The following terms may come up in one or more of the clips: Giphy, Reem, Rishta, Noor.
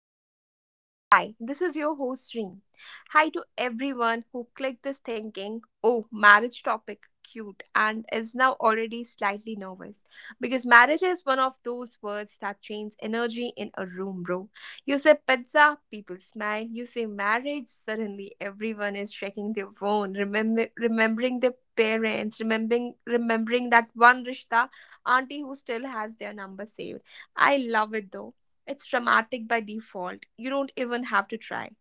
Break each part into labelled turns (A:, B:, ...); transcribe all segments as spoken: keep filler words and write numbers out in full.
A: anything else, hi, this is your host Reem. Hi to everyone who clicked this thinking, oh, marriage topic, cute, and is now already slightly nervous. Because marriage is one of those words that changes energy in a room, bro. You say pizza, people smile. You say marriage, suddenly everyone is checking their phone, remember, remembering their parents, remembering remembering that one Rishta auntie who still has their number saved. I love it though. It's dramatic by default. You don't even have to try.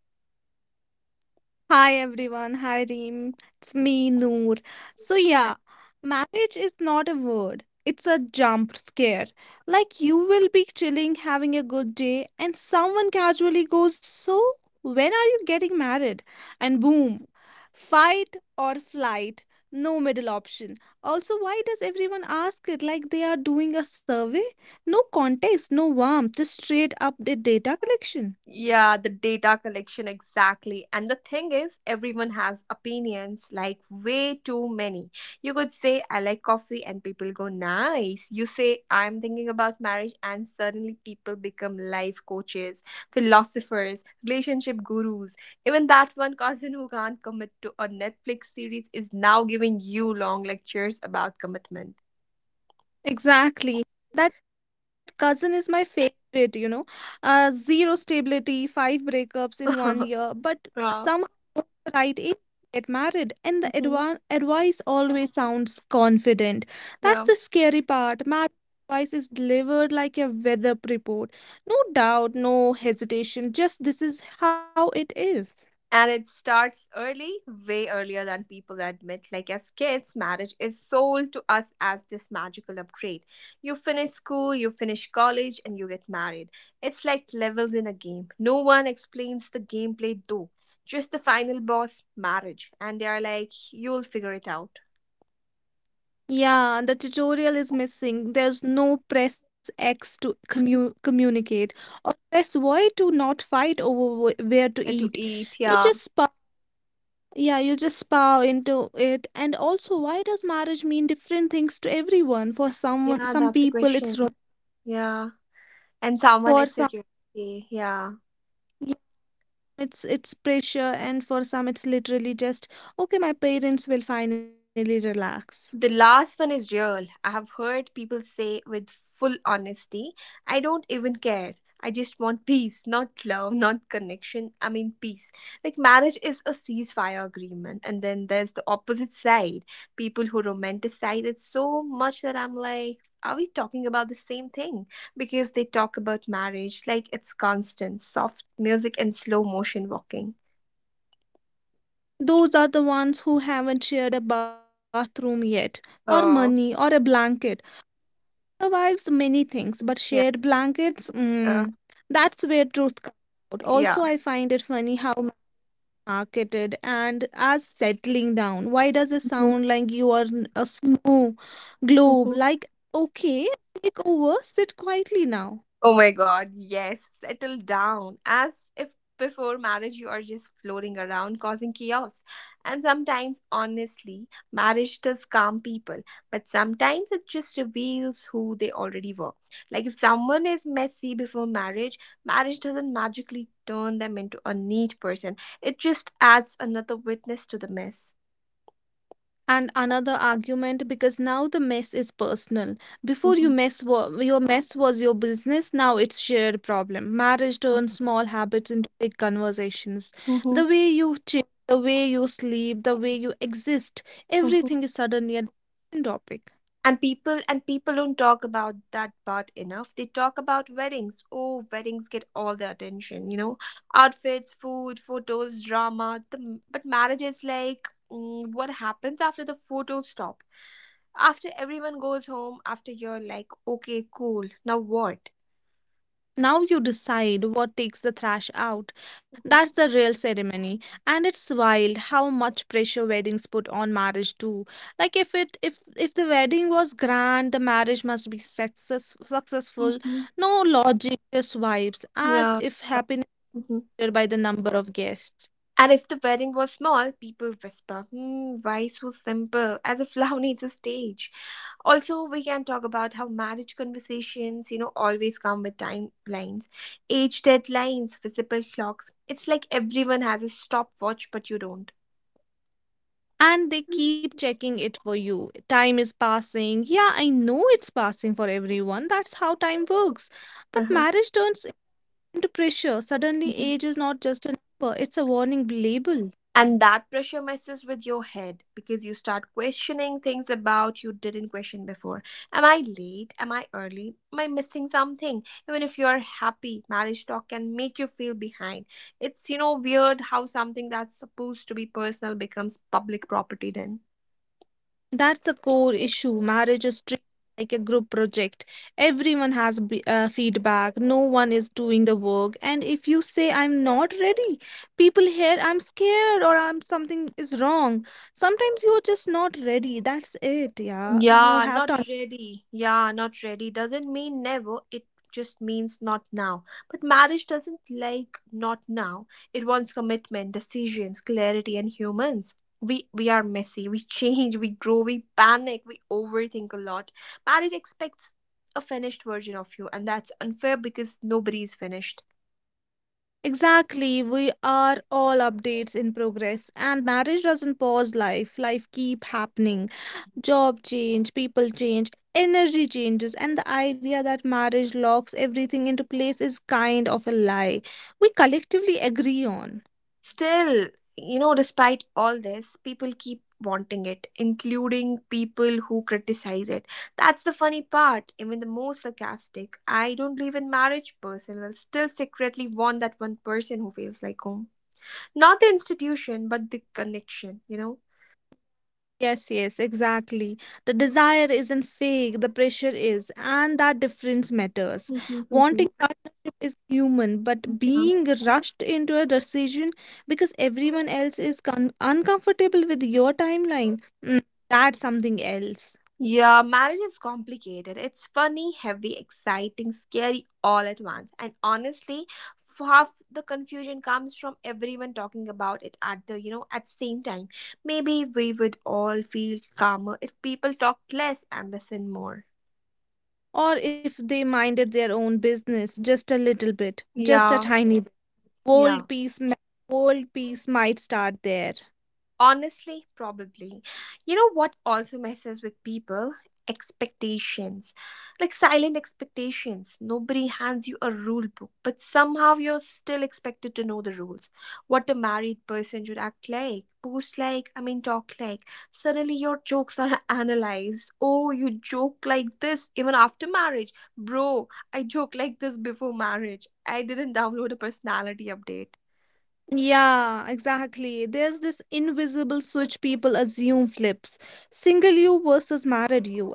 B: Hi everyone, hi Reem, it's me Noor. So,
A: Yeah,
B: yeah, marriage is not a word, it's a jump scare. Like, you will be chilling, having a good day, and someone casually goes, so, when are you getting married? And boom, fight or flight, no middle option. Also, why does everyone ask it like they are doing a survey? No context, no warmth, just straight up da- data collection.
A: yeah, the data collection exactly. And the thing is, everyone has opinions, like way too many. You could say, I like coffee, and people go, nice. You say, I'm thinking about marriage, and suddenly people become life coaches, philosophers, relationship gurus. Even that one cousin who can't commit to a Netflix series is now giving you long lectures about commitment.
B: Exactly. That cousin is my favorite, you know. Uh, zero stability, five breakups in one year, but somehow
A: Wow.
B: knows the right age to get married, and the
A: Hmm.
B: adva advice always sounds confident. That's
A: Yeah.
B: the scary part. Marriage advice is delivered like a weather report. No doubt, no hesitation, just this is how it is.
A: And it starts early, way earlier than people admit. Like, as kids, marriage is sold to us as this magical upgrade. You finish school, you finish college, and you get married. It's like levels in a game. No one explains the gameplay, though. Just the final boss, marriage. And they are like, you'll figure it out.
B: Yeah, the tutorial is missing. There's no press X to commu- communicate or press Y to not fight over wh- where to
A: Where to
B: eat.
A: eat?
B: You just
A: Yeah.
B: spa, yeah, you just spa into it. And also, why does marriage mean different things to everyone? For someone,
A: Yeah,
B: some
A: that's the
B: people, it's ro-
A: question. Yeah. And someone
B: for
A: it's
B: some,
A: security. Yeah.
B: yeah, it's it's pressure, and for some, it's literally just okay. My parents will finally relax.
A: The last one is real. I have heard people say with full honesty, I don't even care. I just want peace, not love, not connection. I mean, peace. Like, marriage is a ceasefire agreement. And then there's the opposite side, people who romanticize it so much that I'm like, are we talking about the same thing? Because they talk about marriage like it's constant, soft music, and slow motion walking.
B: Those are the ones who haven't shared a bathroom yet, or
A: Oh,
B: money, or a blanket. Survives many things, but
A: yeah.
B: shared blankets,
A: Uh,
B: mm, that's where truth comes out.
A: yeah.
B: Also, I find it funny how marketed and as settling down. Why does it sound like you are n- a snow globe?
A: Mhm.
B: Like, okay, take over, sit quietly now.
A: Oh my god, yes, settle down. As if before marriage you are just floating around causing chaos. And sometimes, honestly, marriage does calm people, but sometimes it just reveals who they already were. Like if someone is messy before marriage, marriage doesn't magically turn them into a neat person, it just adds another witness to the mess.
B: And another argument, because now the mess is personal. Before you
A: Mm-hmm.
B: mess wa- your mess was your business, now it's shared problem. Marriage turns small habits into big conversations.
A: Mm-hmm.
B: The way you chill, the way you sleep, the way you exist, everything is suddenly a discussion topic.
A: And people and people don't talk about that part enough. They talk about weddings. Oh, weddings get all the attention you know outfits, food, photos, drama the, but marriage is like, mm, what happens after the photos stop, after everyone goes home, after you're like, okay, cool, now what?
B: Now you decide what takes the thrash out.
A: Mhm.
B: That's the real ceremony. And it's wild how much pressure weddings put on marriage too. Like if it if if the wedding was grand, the marriage must be success, successful.
A: Mhm.
B: No logic, just vibes, as
A: Yeah,
B: if
A: but-
B: happiness
A: mhm.
B: measured by the number of guests.
A: And if the wedding was small, people whisper, hmm, why so simple, as if love needs a stage. Also, we can talk about how marriage conversations you know always come with timelines, age deadlines, visible clocks. It's like everyone has a stopwatch, but you don't.
B: And they keep checking it for you. Time is passing. Yeah, I know it's passing for everyone. That's how time works. But
A: Uh-huh.
B: marriage turns under pressure, suddenly
A: Mhm.
B: age is not just a number, it's a warning label.
A: And that pressure messes with your head because you start questioning things about you didn't question before. Am I late? Am I early? Am I missing something? Even if you are happy, marriage talk can make you feel behind. It's, you know, weird how something that's supposed to be personal becomes public property then.
B: That's a core issue. Marriage is treated like a group project. Everyone has b- uh, feedback, no one is doing the work. And if you say, I'm not ready, people hear, I'm scared, or I'm something is wrong. Sometimes you're just not ready. That's it. Yeah, you
A: Yeah,
B: have
A: not
B: to.
A: ready. Yeah, not ready doesn't mean never. It just means not now. But marriage doesn't like not now. It wants commitment, decisions, clarity, and humans. We we are messy. We change. We grow. We panic. We overthink a lot. Marriage expects a finished version of you, and that's unfair because nobody is finished.
B: Exactly. We are all updates in progress, and marriage doesn't pause life, life keep happening. Job change, people change, energy changes, and the idea that marriage locks everything into place is kind of a lie we collectively agree on.
A: Still, you know, despite all this, people keep wanting it, including people who criticize it. That's the funny part, even the most sarcastic. I don't believe in marriage person will still secretly want that one person who feels like home. Not the institution, but the connection, you know?
B: Yes, yes, exactly. The desire isn't fake, the pressure is, and that difference matters. Wanting
A: Mhm,
B: partnership is human, but
A: mhm.
B: being rushed into a decision because everyone else is con- uncomfortable with your timeline, mm, that's something else.
A: Yeah, marriage is complicated. It's funny, heavy, exciting, scary all at once. And honestly, half the confusion comes from everyone talking about it at the, you know, at same time. Maybe we would all feel calmer if people talked less and listen more.
B: Or if they minded their own business just a little bit, just a
A: Yeah,
B: tiny bit,
A: yeah.
B: world peace, ma- world peace might start there.
A: Honestly, probably. You know what also messes with people? Expectations. Like silent expectations. Nobody hands you a rule book, but somehow you're still expected to know the rules. What a married person should act like, post like, I mean, talk like. Suddenly your jokes are analyzed. Oh, you joke like this even after marriage. Bro, I joke like this before marriage. I didn't download a personality update.
B: Yeah, exactly. There's this invisible switch people assume flips. Single you versus married you.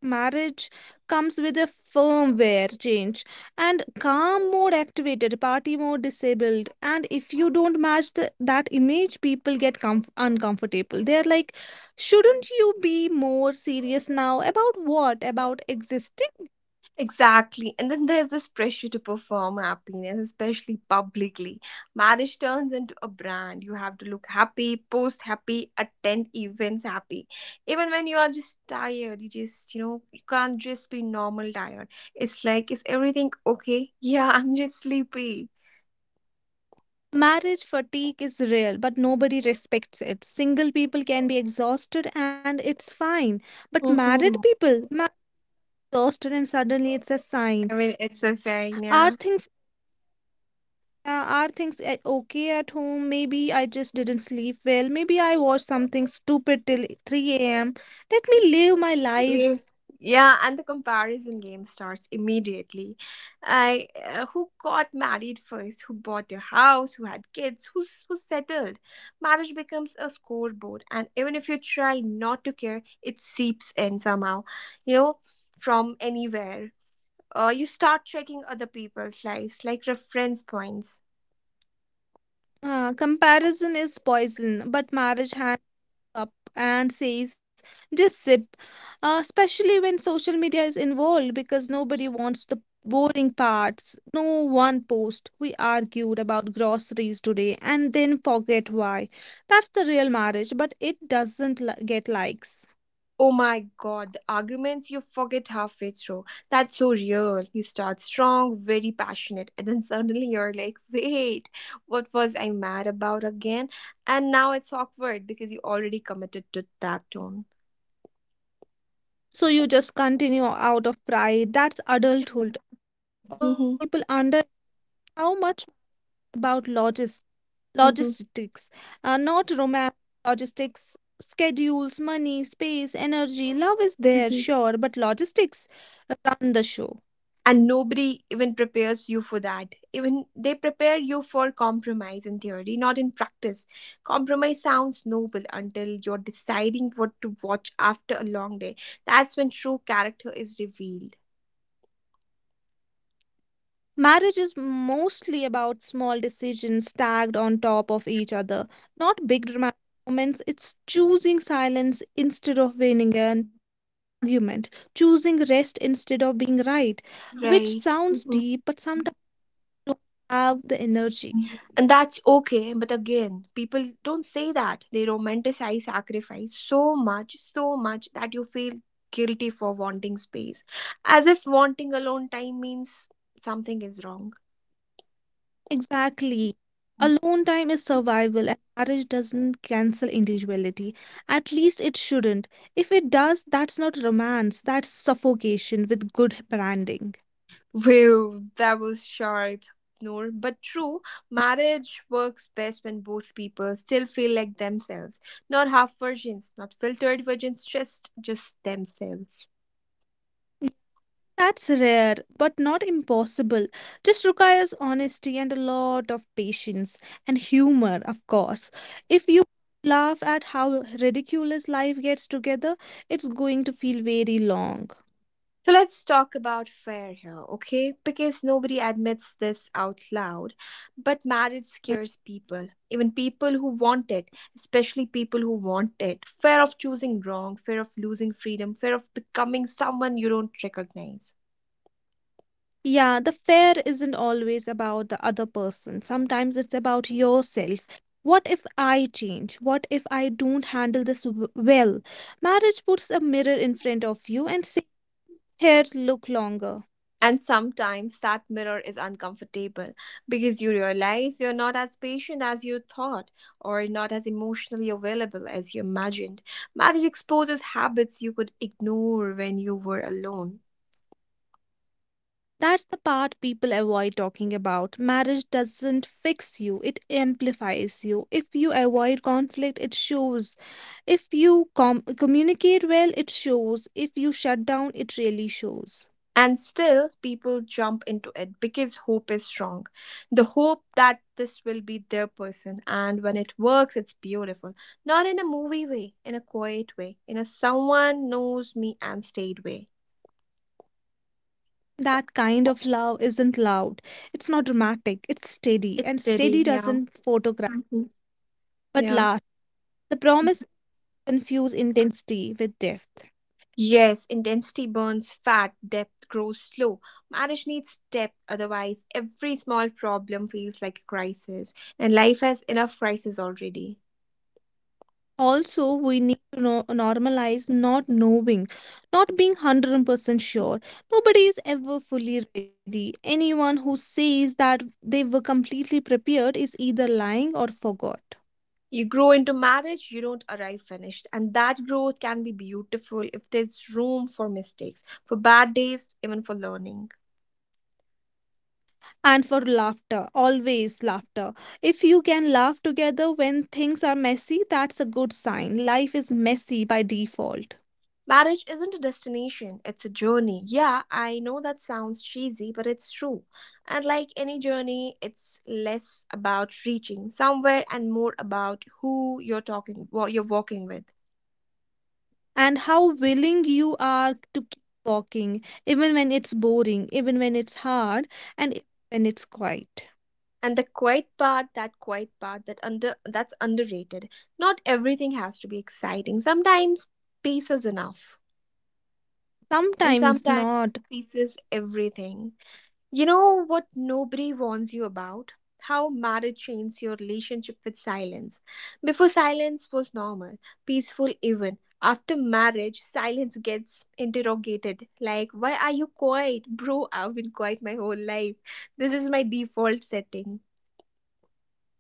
B: Marriage comes with a firmware change and calm mode activated, party mode disabled. And if you don't match the, that image, people get comf- uncomfortable. They're like, shouldn't you be more serious now? About what? About existing?
A: Exactly. And then there's this pressure to perform happiness, especially publicly. Marriage turns into a brand. You have to look happy, post happy, attend events happy. Even when you are just tired, you just, you know, you can't just be normal tired. It's like, is everything okay? Yeah, I'm just sleepy.
B: Marriage fatigue is real, but nobody respects it. Single people can be exhausted and it's fine. But married
A: Mhm.
B: people, married exhausted and suddenly it's a
A: I
B: sign.
A: mean, it's a
B: Are
A: saying,
B: things
A: yeah.
B: uh, are things uh, okay at home? Maybe I just didn't sleep well. Maybe I watched something stupid till three a m. Let me live my life.
A: We- Yeah, and the comparison game starts immediately. I uh, Who got married first, who bought a house, who had kids, who's who settled. Marriage becomes a scoreboard, and even if you try not to care, it seeps in somehow. You know, from anywhere. Uh, you start checking other people's lives like reference points.
B: Uh, comparison is poison, but marriage hand up and says, just sip, uh, especially when social media is involved because nobody wants the boring parts. No one post. We argued about groceries today and then forget why. That's the real marriage, but it doesn't li- get likes.
A: Oh my god, the arguments you forget halfway through. That's so real. You start strong, very passionate, and then suddenly you're like, wait, what was I mad about again? And now it's awkward because you already committed to that tone.
B: So you just continue out of pride. That's adulthood. Also, people
A: Mhm,
B: under how much about logis-
A: mhm,
B: logistics, uh, not romance, logistics, schedules, money, space, energy. Love is there,
A: mhm.
B: sure, but logistics run the show.
A: And nobody even prepares you for that. Even they prepare you for compromise in theory, not in practice. Compromise sounds noble until you're deciding what to watch after a long day. That's when true character is revealed.
B: Marriage is mostly about small decisions stacked on top of each other, not big dramatic moments. It's choosing silence instead of winning an argument, choosing rest instead of being right, which
A: Right.
B: sounds
A: Mhm.
B: deep but sometimes don't have the energy.
A: And that's okay, but again, people don't say that. They romanticize sacrifice so much, so much that you feel guilty for wanting space. As if wanting alone time means something is wrong.
B: Exactly. Alone time is survival, and marriage doesn't cancel individuality. At least it shouldn't. If it does, that's not romance, that's suffocation with good branding.
A: Wow, that was sharp, Noor. But true, marriage works best when both people still feel like themselves. Not half versions, not filtered versions, just just themselves.
B: That's rare, but not impossible. Just requires honesty and a lot of patience and humor, of course. If you laugh at how ridiculous life gets together, it's going to feel very long.
A: So let's talk about fair here, okay? Because nobody admits this out loud. But marriage
B: Mm.
A: scares people, even people who want it, especially people who want it. Fear of choosing wrong, fear of losing freedom, fear of becoming someone you don't recognize.
B: Yeah, the fear isn't always about the other person. Sometimes it's about yourself. What if I change? What if I don't handle this w- well? Marriage puts a mirror in front of you and says, here, look longer.
A: And sometimes that mirror is uncomfortable because you realize you're not as patient as you thought, or not as emotionally available as you imagined. Marriage exposes habits you could ignore when you were alone.
B: That's the part people avoid talking about. Marriage doesn't fix you, it amplifies you. If you avoid conflict, it shows. If you com- communicate well, it shows. If you shut down, it really shows.
A: And still, people jump into it because hope is strong. The hope that this will be their person. And when it works, it's beautiful. Not in a movie way, in a quiet way, in a someone knows me and stayed way.
B: That kind of love isn't loud. It's not dramatic. It's steady.
A: It's
B: And
A: steady,
B: steady
A: yeah.
B: doesn't photograph,
A: Mhm.
B: but
A: Yeah.
B: last. The promise confuse intensity with depth.
A: Yes, intensity burns fat, depth grows slow. Marriage needs depth, otherwise, every small problem feels like a crisis, and life has enough crisis already.
B: Also, we need to no- normalize not knowing, not being one hundred percent sure. Nobody is ever fully ready. Anyone who says that they were completely prepared is either lying or forgot.
A: You grow into marriage, you don't arrive finished, and that growth can be beautiful if there's room for mistakes, for bad days, even for learning.
B: And for laughter, always laughter. If you can laugh together when things are messy, that's a good sign. Life is messy by default.
A: Marriage isn't a destination, it's a journey. Yeah, I know that sounds cheesy, but it's true. And like any journey, it's less about reaching somewhere and more about who you're talking what you're walking with.
B: And how willing you are to keep walking even when it's boring, even when it's hard, and even when it's quiet.
A: And the quiet part, that quiet part that under that's underrated. Not everything has to be exciting. Sometimes peace is enough. And
B: Sometimes
A: sometimes
B: not.
A: peace is everything. You know what nobody warns you about? How marriage changed your relationship with silence. Before, silence was normal, peaceful even. After marriage, silence gets interrogated. Like, why are you quiet? Bro, I've been quiet my whole life. This is my default setting.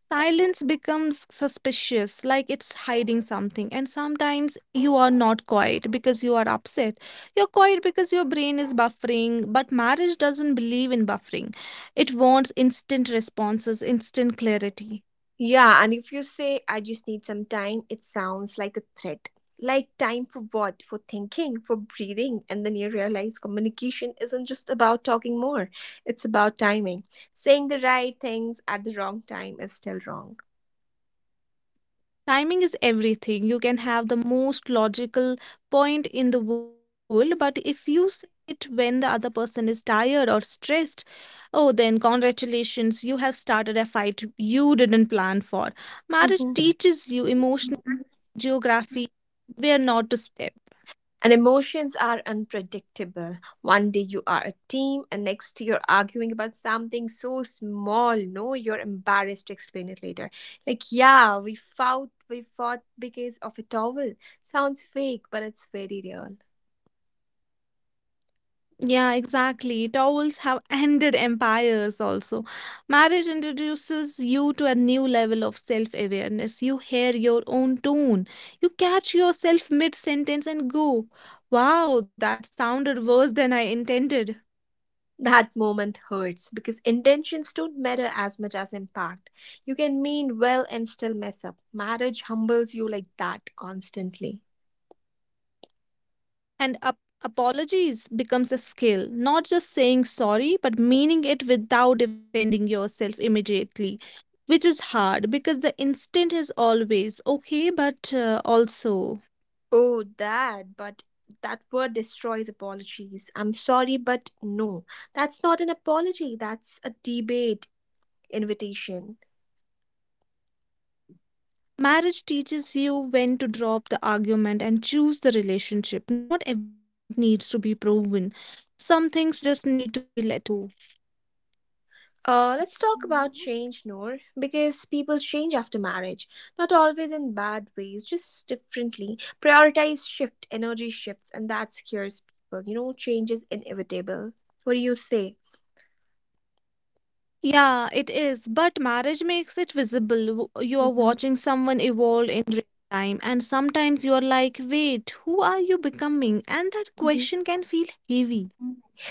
B: Silence becomes suspicious, like it's hiding something. And sometimes you are not quiet because you are upset. You're quiet because your brain is buffering, but marriage doesn't believe in buffering. It wants instant responses, instant clarity.
A: Yeah, and if you say, I just need some time, it sounds like a threat. Like time for what? For thinking, for breathing. And then you realize communication isn't just about talking more, it's about timing. Saying the right things at the wrong time is still wrong.
B: Timing is everything. You can have the most logical point in the world, but if you say it when the other person is tired or stressed, oh, then congratulations, you have started a fight you didn't plan for. Marriage
A: Mhm.
B: teaches you emotional geography, where not to step.
A: And emotions are unpredictable. One day you are a team, and next you're arguing about something so small. No, you're embarrassed to explain it later. Like, yeah, we fought, we fought because of a towel. Sounds fake, but it's very real.
B: Yeah, exactly. Towels have ended empires also. Marriage introduces you to a new level of self awareness. You hear your own tone. You catch yourself mid sentence and go, wow, that sounded worse than I intended.
A: That moment hurts because intentions don't matter as much as impact. You can mean well and still mess up. Marriage humbles you like that constantly.
B: And ap- apologies becomes a skill, not just saying sorry, but meaning it without defending yourself immediately, which is hard because the instinct is always okay, but uh, also.
A: Oh, that, but that word destroys apologies. I'm sorry, but no. That's not an apology, that's a debate invitation.
B: Marriage teaches you when to drop the argument and choose the relationship. Not every point needs to be proven. Some things just need to be let go.
A: Uh, let's talk about change, Noor, because people change after marriage. Not always in bad ways, just differently. Prioritize shift, energy shifts, and that scares people. You know, change is inevitable. What do you say?
B: Yeah, it is. But marriage makes it visible. W- You are watching someone evolve in real time, and sometimes you are like, wait, who are you becoming? And that
A: hmm
B: question can feel heavy.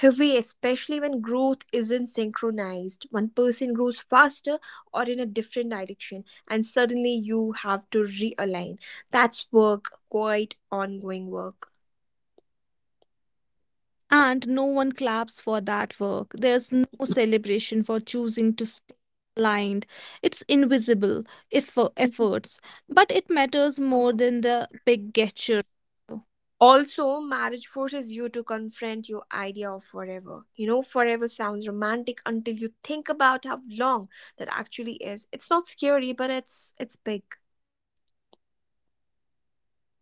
A: Heavy, especially when growth isn't synchronized. One person grows faster or in a different direction, and suddenly you have to realign. That's work, quite ongoing work.
B: And no one claps for that work. There's no celebration for choosing to stay aligned. It's invisible effo- efforts, but it matters more than the big gesture.
A: Also, marriage forces you to confront your idea of forever. You know, forever sounds romantic until you think about how long that actually is. It's not scary, but it's it's big.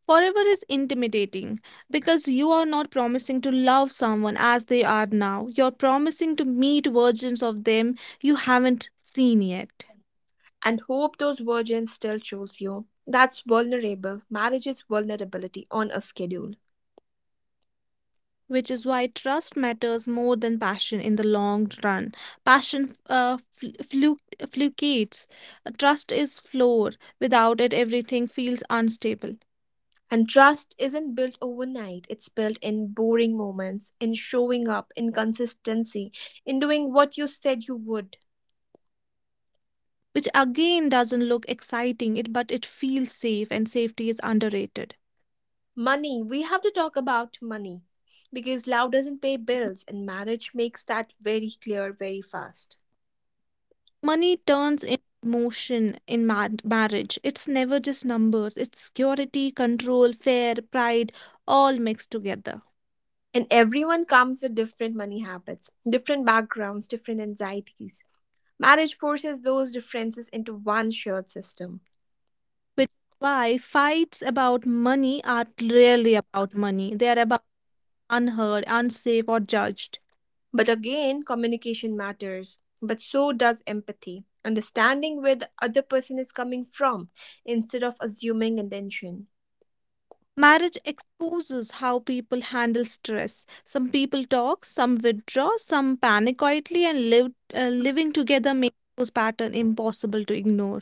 B: Forever is intimidating because you are not promising to love someone as they are now. You're promising to meet versions of them you haven't seen yet.
A: And hope those virgins still choose you. That's vulnerable. Marriage is vulnerability on a schedule.
B: Which is why trust matters more than passion in the long run. Passion uh, fl- flu- fluctuates. Trust is floor. Without it, everything feels unstable,
A: And trust isn't built overnight, it's built in boring moments, in showing up, in consistency, in doing what you said you would.
B: which again doesn't look exciting, it, but it feels safe, and safety is underrated.
A: Money, we have to talk about money because love doesn't pay bills, and marriage makes that very clear very fast.
B: Money turns in motion in ma- marriage. It's never just numbers, it's security, control, fear, pride, all mixed together.
A: And everyone comes with different money habits, different backgrounds, different anxieties. Marriage forces those differences into one shared system.
B: Which is why fights about money are rarely about money. They are about unheard, unsafe, or judged.
A: But again, communication matters. But so does empathy, understanding where the other person is coming from instead of assuming intention.
B: Marriage exposes how people handle stress. Some people talk, some withdraw, some panic quietly, and live, uh, living together makes those patterns impossible to ignore.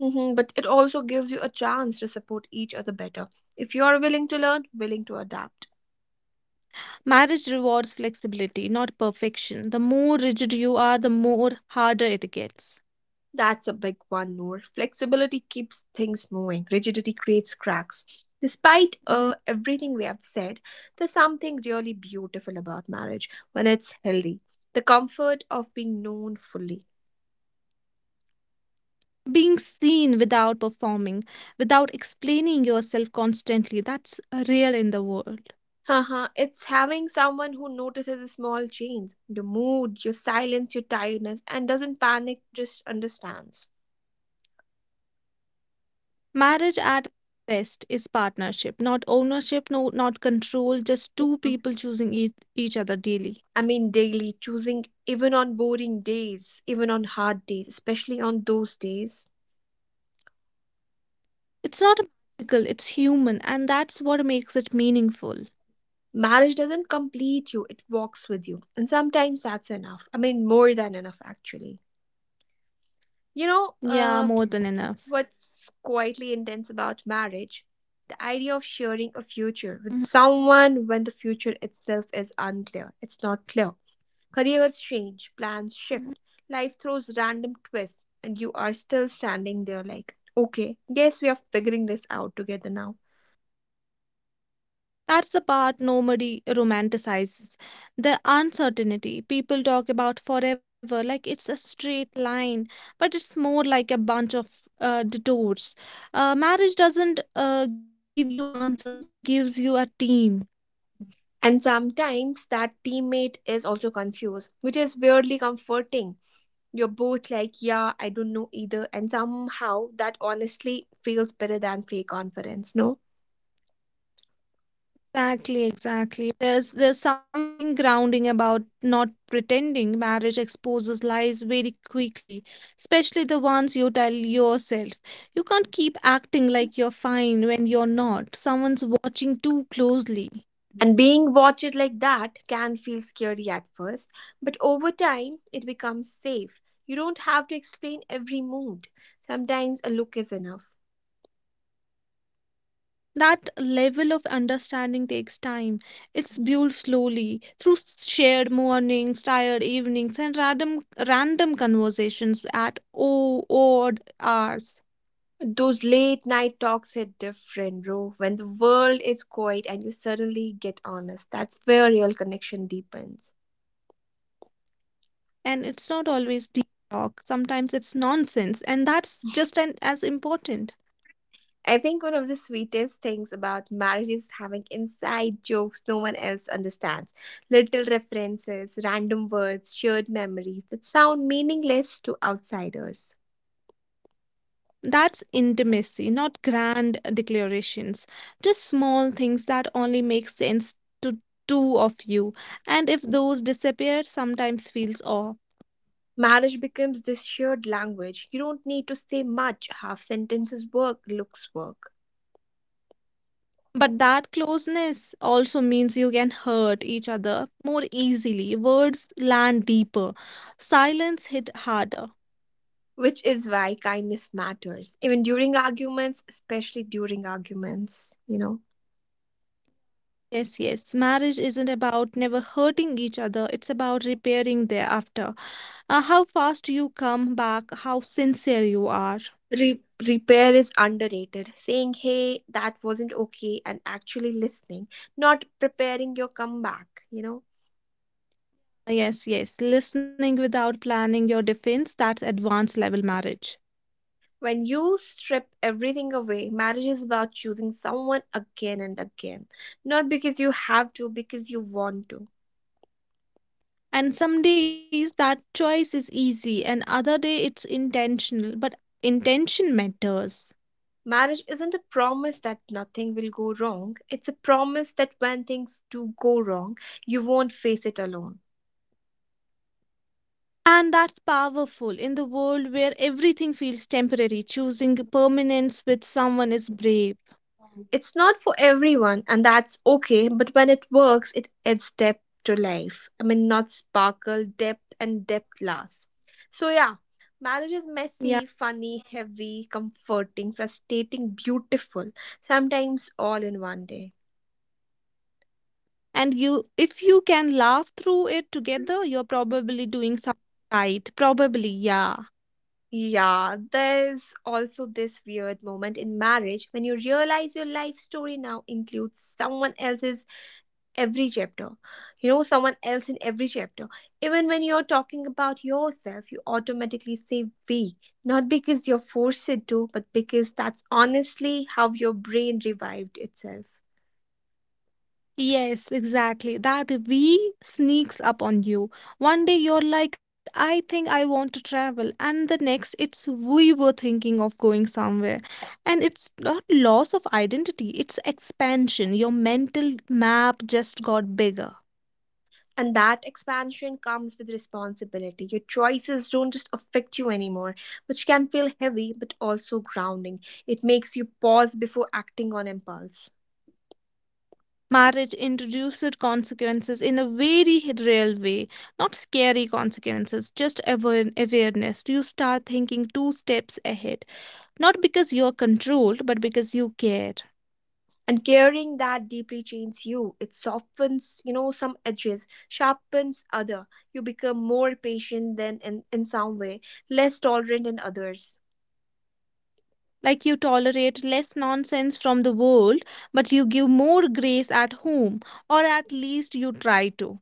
A: Mhm, but it also gives you a chance to support each other better if you are willing to learn, willing to adapt.
B: Marriage rewards flexibility, not perfection. The more rigid you are, the more harder it gets.
A: That's a big one, Noor. Flexibility keeps things moving, rigidity creates cracks. Despite uh, everything we have said, there's something really beautiful about marriage when it's healthy, the comfort of being known fully.
B: Being seen without performing, without explaining yourself constantly, that's uh, real in the world.
A: Haha, it's having someone who notices the small change, your mood, your silence, your tiredness, and doesn't panic, just understands.
B: Marriage at best is partnership, not ownership, no, not control,
A: Yeah.
B: just two people choosing each, each other daily.
A: I mean, daily, choosing even on boring days, even on hard days, especially on those days.
B: It's not magical, it's human, and that's what makes it meaningful.
A: Marriage doesn't complete you, it walks with you. And sometimes that's enough. I mean, more than enough, actually. You know,
B: Yeah, more
A: uh,
B: than enough.
A: what's quietly intense about marriage, the idea of sharing a future
B: Mhm.
A: with someone when the future itself is unclear, it's not clear. Careers change, plans shift, life throws random twists, and you are still standing there like, okay, guess we are figuring this out together now.
B: That's the part nobody romanticizes. The uncertainty people talk about forever, like it's a straight line, but it's more like a bunch of uh, detours. Uh, marriage doesn't uh, give you answers, it gives you a team.
A: And sometimes that teammate is also confused, which is weirdly comforting. You're both like, yeah, I don't know either, and somehow that honestly feels better than fake confidence. No.
B: Exactly, exactly. There's there's something grounding about not pretending marriage exposes lies very quickly, especially the ones you tell yourself. You can't keep acting like you're fine when you're not. Someone's watching too closely.
A: And being watched like that can feel scary at first, but over time it becomes safe. You don't have to explain every mood. Sometimes a look is enough.
B: That level of understanding takes time. It's built slowly through shared mornings, tired evenings, and random random conversations at odd odd hours.
A: Those late night talks hit different, bro. When the world is quiet and you suddenly get honest, that's where real connection deepens.
B: And it's not always deep talk, sometimes it's nonsense, and that's just an, as important.
A: I think one of the sweetest things about marriage is having inside jokes no one else understands. Little references, random words, shared memories that sound meaningless to outsiders.
B: That's intimacy, not grand declarations, just small things that only make sense to two of you, and if those disappear sometimes feels off.
A: Marriage becomes this shared language. You don't need to say much. Half sentences work, looks work.
B: But that closeness also means you can hurt each other more easily, words land deeper, silence hit harder.
A: Which is why kindness matters. Even during arguments, especially during arguments, you know.
B: Yes, yes. Marriage isn't about never hurting each other. It's about repairing thereafter. Uh, how fast you come back, how sincere you are.
A: Re- Repair is underrated. Saying, hey, that wasn't okay, and actually listening, not preparing your comeback, you know.
B: Yes, yes. Listening without planning your defense, that's advanced level marriage.
A: When you strip everything away, marriage is about choosing someone again and again. Not because you have to, because you want to.
B: And some days that choice is easy, and other day it's intentional, but intention matters.
A: Marriage isn't a promise that nothing will go wrong. It's a promise that when things do go wrong, you won't face it alone.
B: And that's powerful in the world where everything feels temporary. Choosing permanence with someone is brave.
A: It's not for everyone, and that's okay, but when it works, it adds depth to life. I mean, not sparkle, depth, and depth lasts. So, yeah, marriage is
B: Yeah.
A: messy, funny, heavy, comforting, frustrating, beautiful, sometimes all in one day.
B: And you, if you can laugh through it together, you're probably doing something right. Probably, yeah.
A: Yeah, there's also this weird moment in marriage when you realize your life story now includes someone else's every chapter. You know, someone else in every chapter. Even when you're talking about yourself, you automatically say we, not because you're forced to, but because that's honestly how your brain revived itself.
B: Yes, exactly, that we sneaks up on you. One day you're like, I think I want to travel, and the next it's, we were thinking of going somewhere. And it's not loss of identity, it's expansion. Your mental map just got bigger.
A: And that expansion comes with responsibility. Your choices don't just affect you anymore, which can feel heavy but also grounding. It makes you pause before acting on impulse.
B: Marriage introduced consequences in a very real way, not scary consequences, just aware- awareness. You start thinking two steps ahead, not because you're controlled, but because you care.
A: And caring that deeply changes you. It softens, you know, some edges, sharpens other. You become more patient than in, in some way, less tolerant in others.
B: Like you tolerate less nonsense from the world, but you give more grace at home, or at least you try to.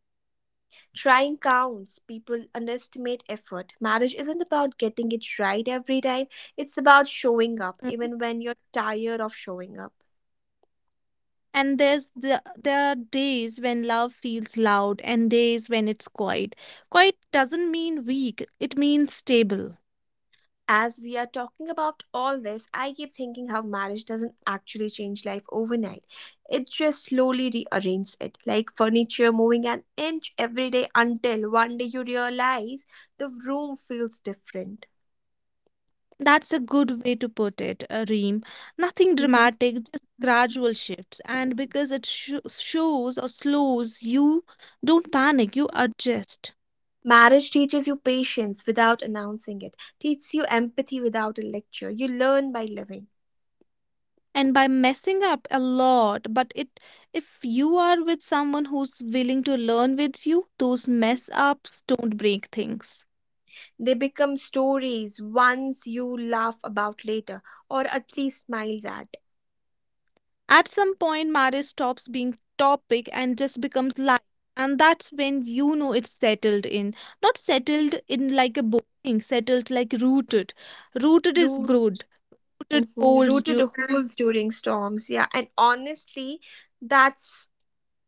A: Trying counts. People underestimate effort. Marriage isn't about getting it right every time, it's about showing up even when you're tired of showing up.
B: And there's the, there are days when love feels loud and days when it's quiet. Quiet doesn't mean weak, it means stable.
A: As we are talking about all this, I keep thinking how marriage doesn't actually change life overnight. It just slowly rearranges it, like furniture moving an inch every day until one day you realize the room feels different.
B: That's a good way to put it, uh, Reem. Nothing
A: Mhm.
B: dramatic, just gradual shifts. And because it sho shows or slows, you don't panic, you adjust.
A: Marriage teaches you patience without announcing it, teaches you empathy without a lecture. You learn by living.
B: And by messing up a lot, but it if you are with someone who's willing to learn with you, those mess ups don't break things.
A: They become stories once you laugh about later, or at least smiles at.
B: At some point, marriage stops being topic and just becomes life. And that's when you know it's settled in. Not settled in like a boring, settled like rooted. Rooted is good. Rooted
A: Hmm.
B: holds
A: Rooted
B: you.
A: holes during storms. Yeah. And honestly, that's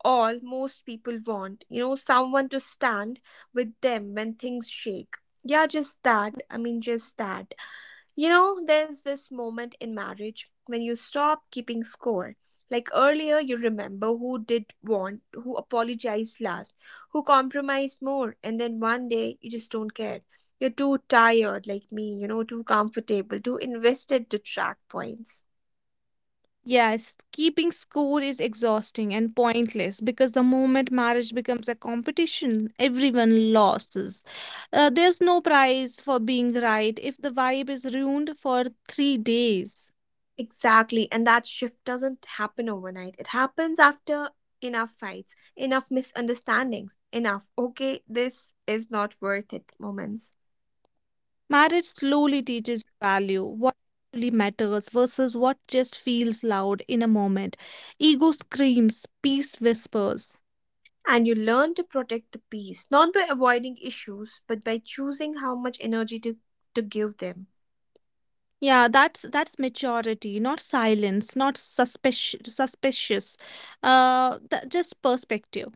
A: all most people want. You know, someone to stand with them when things shake. Yeah, just that. I mean, just that. You know, there's this moment in marriage when you stop keeping score. Like earlier, you remember who did want, who apologized last, who compromised more, and then one day you just don't care. You're too tired, like me, you know, too comfortable, too invested to track points.
B: Yes, keeping score is exhausting and pointless because the moment marriage becomes a competition, everyone loses. Uh, there's no prize for being right if the vibe is ruined for three days.
A: Exactly. And that shift doesn't happen overnight. It happens after enough fights, enough misunderstandings, enough, okay, this is not worth it moments.
B: Marriage slowly teaches value, what actually matters versus what just feels loud in a moment. Ego screams, peace whispers.
A: And you learn to protect the peace, not by avoiding issues, but by choosing how much energy to, to give them.
B: Yeah, that's that's maturity, not silence, not suspicious, suspicious, uh, th- just perspective.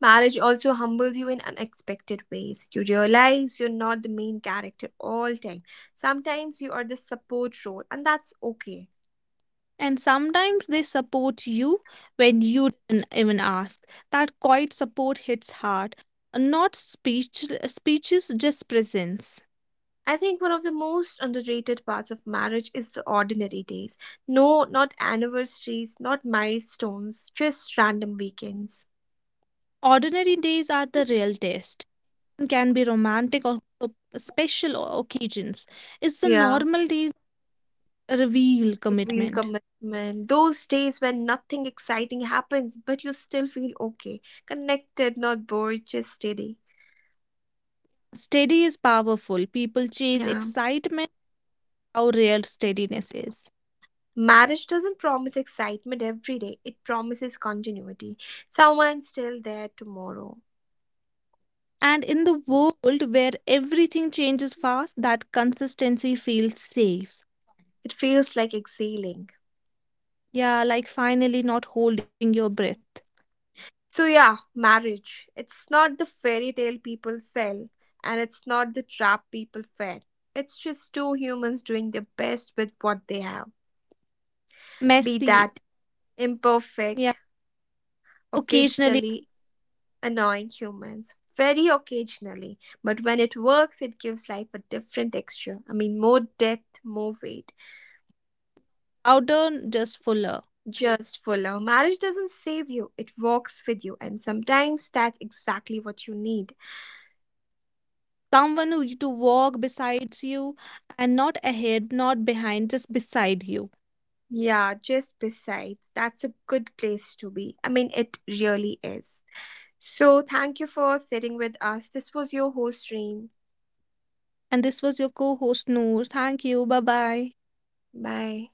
A: Marriage also humbles you in unexpected ways. You realize you're not the main character all time. Sometimes you are the support role, and that's okay.
B: And sometimes they support you when you didn't even ask. That quiet support hits hard, not speech, speeches, just presence.
A: I think one of the most underrated parts of marriage is the ordinary days. No, not anniversaries, not milestones, just random weekends.
B: Ordinary days are the real test. Can be romantic or p- special o- occasions. It's the
A: Yeah.
B: normal days that reveal
A: Real
B: commitment.
A: commitment. Those days when nothing exciting happens, but you still feel okay, connected, not bored, just steady.
B: Steady is powerful. People chase
A: Yeah.
B: excitement, how rare steadiness is.
A: Marriage doesn't promise excitement every day, it promises continuity. Someone's still there tomorrow.
B: And in the world where everything changes fast, that consistency feels safe.
A: It feels like exhaling.
B: Yeah, like finally not holding your breath.
A: So, yeah, marriage. It's not the fairy tale people sell, and it's not the trap people fear. It's just two humans doing their best with what they have. Be
B: Messy,
A: that
B: yeah,
A: imperfect,
B: occasionally
A: occasionally annoying humans very occasionally, but when it works, it gives life a different texture. I mean, more depth, more weight.
B: louder, just fuller.
A: Just fuller. Marriage doesn't save you, it walks with you, and sometimes that's exactly what you need.
B: Someone who you to walk beside you, and not ahead, not behind, just beside you.
A: Yeah, just beside. That's a good place to be. I mean, it really is. So, thank you for sitting with us. This was your host, Reem.
B: And this was your co host, Noor. Thank you. Bye bye.
A: Bye.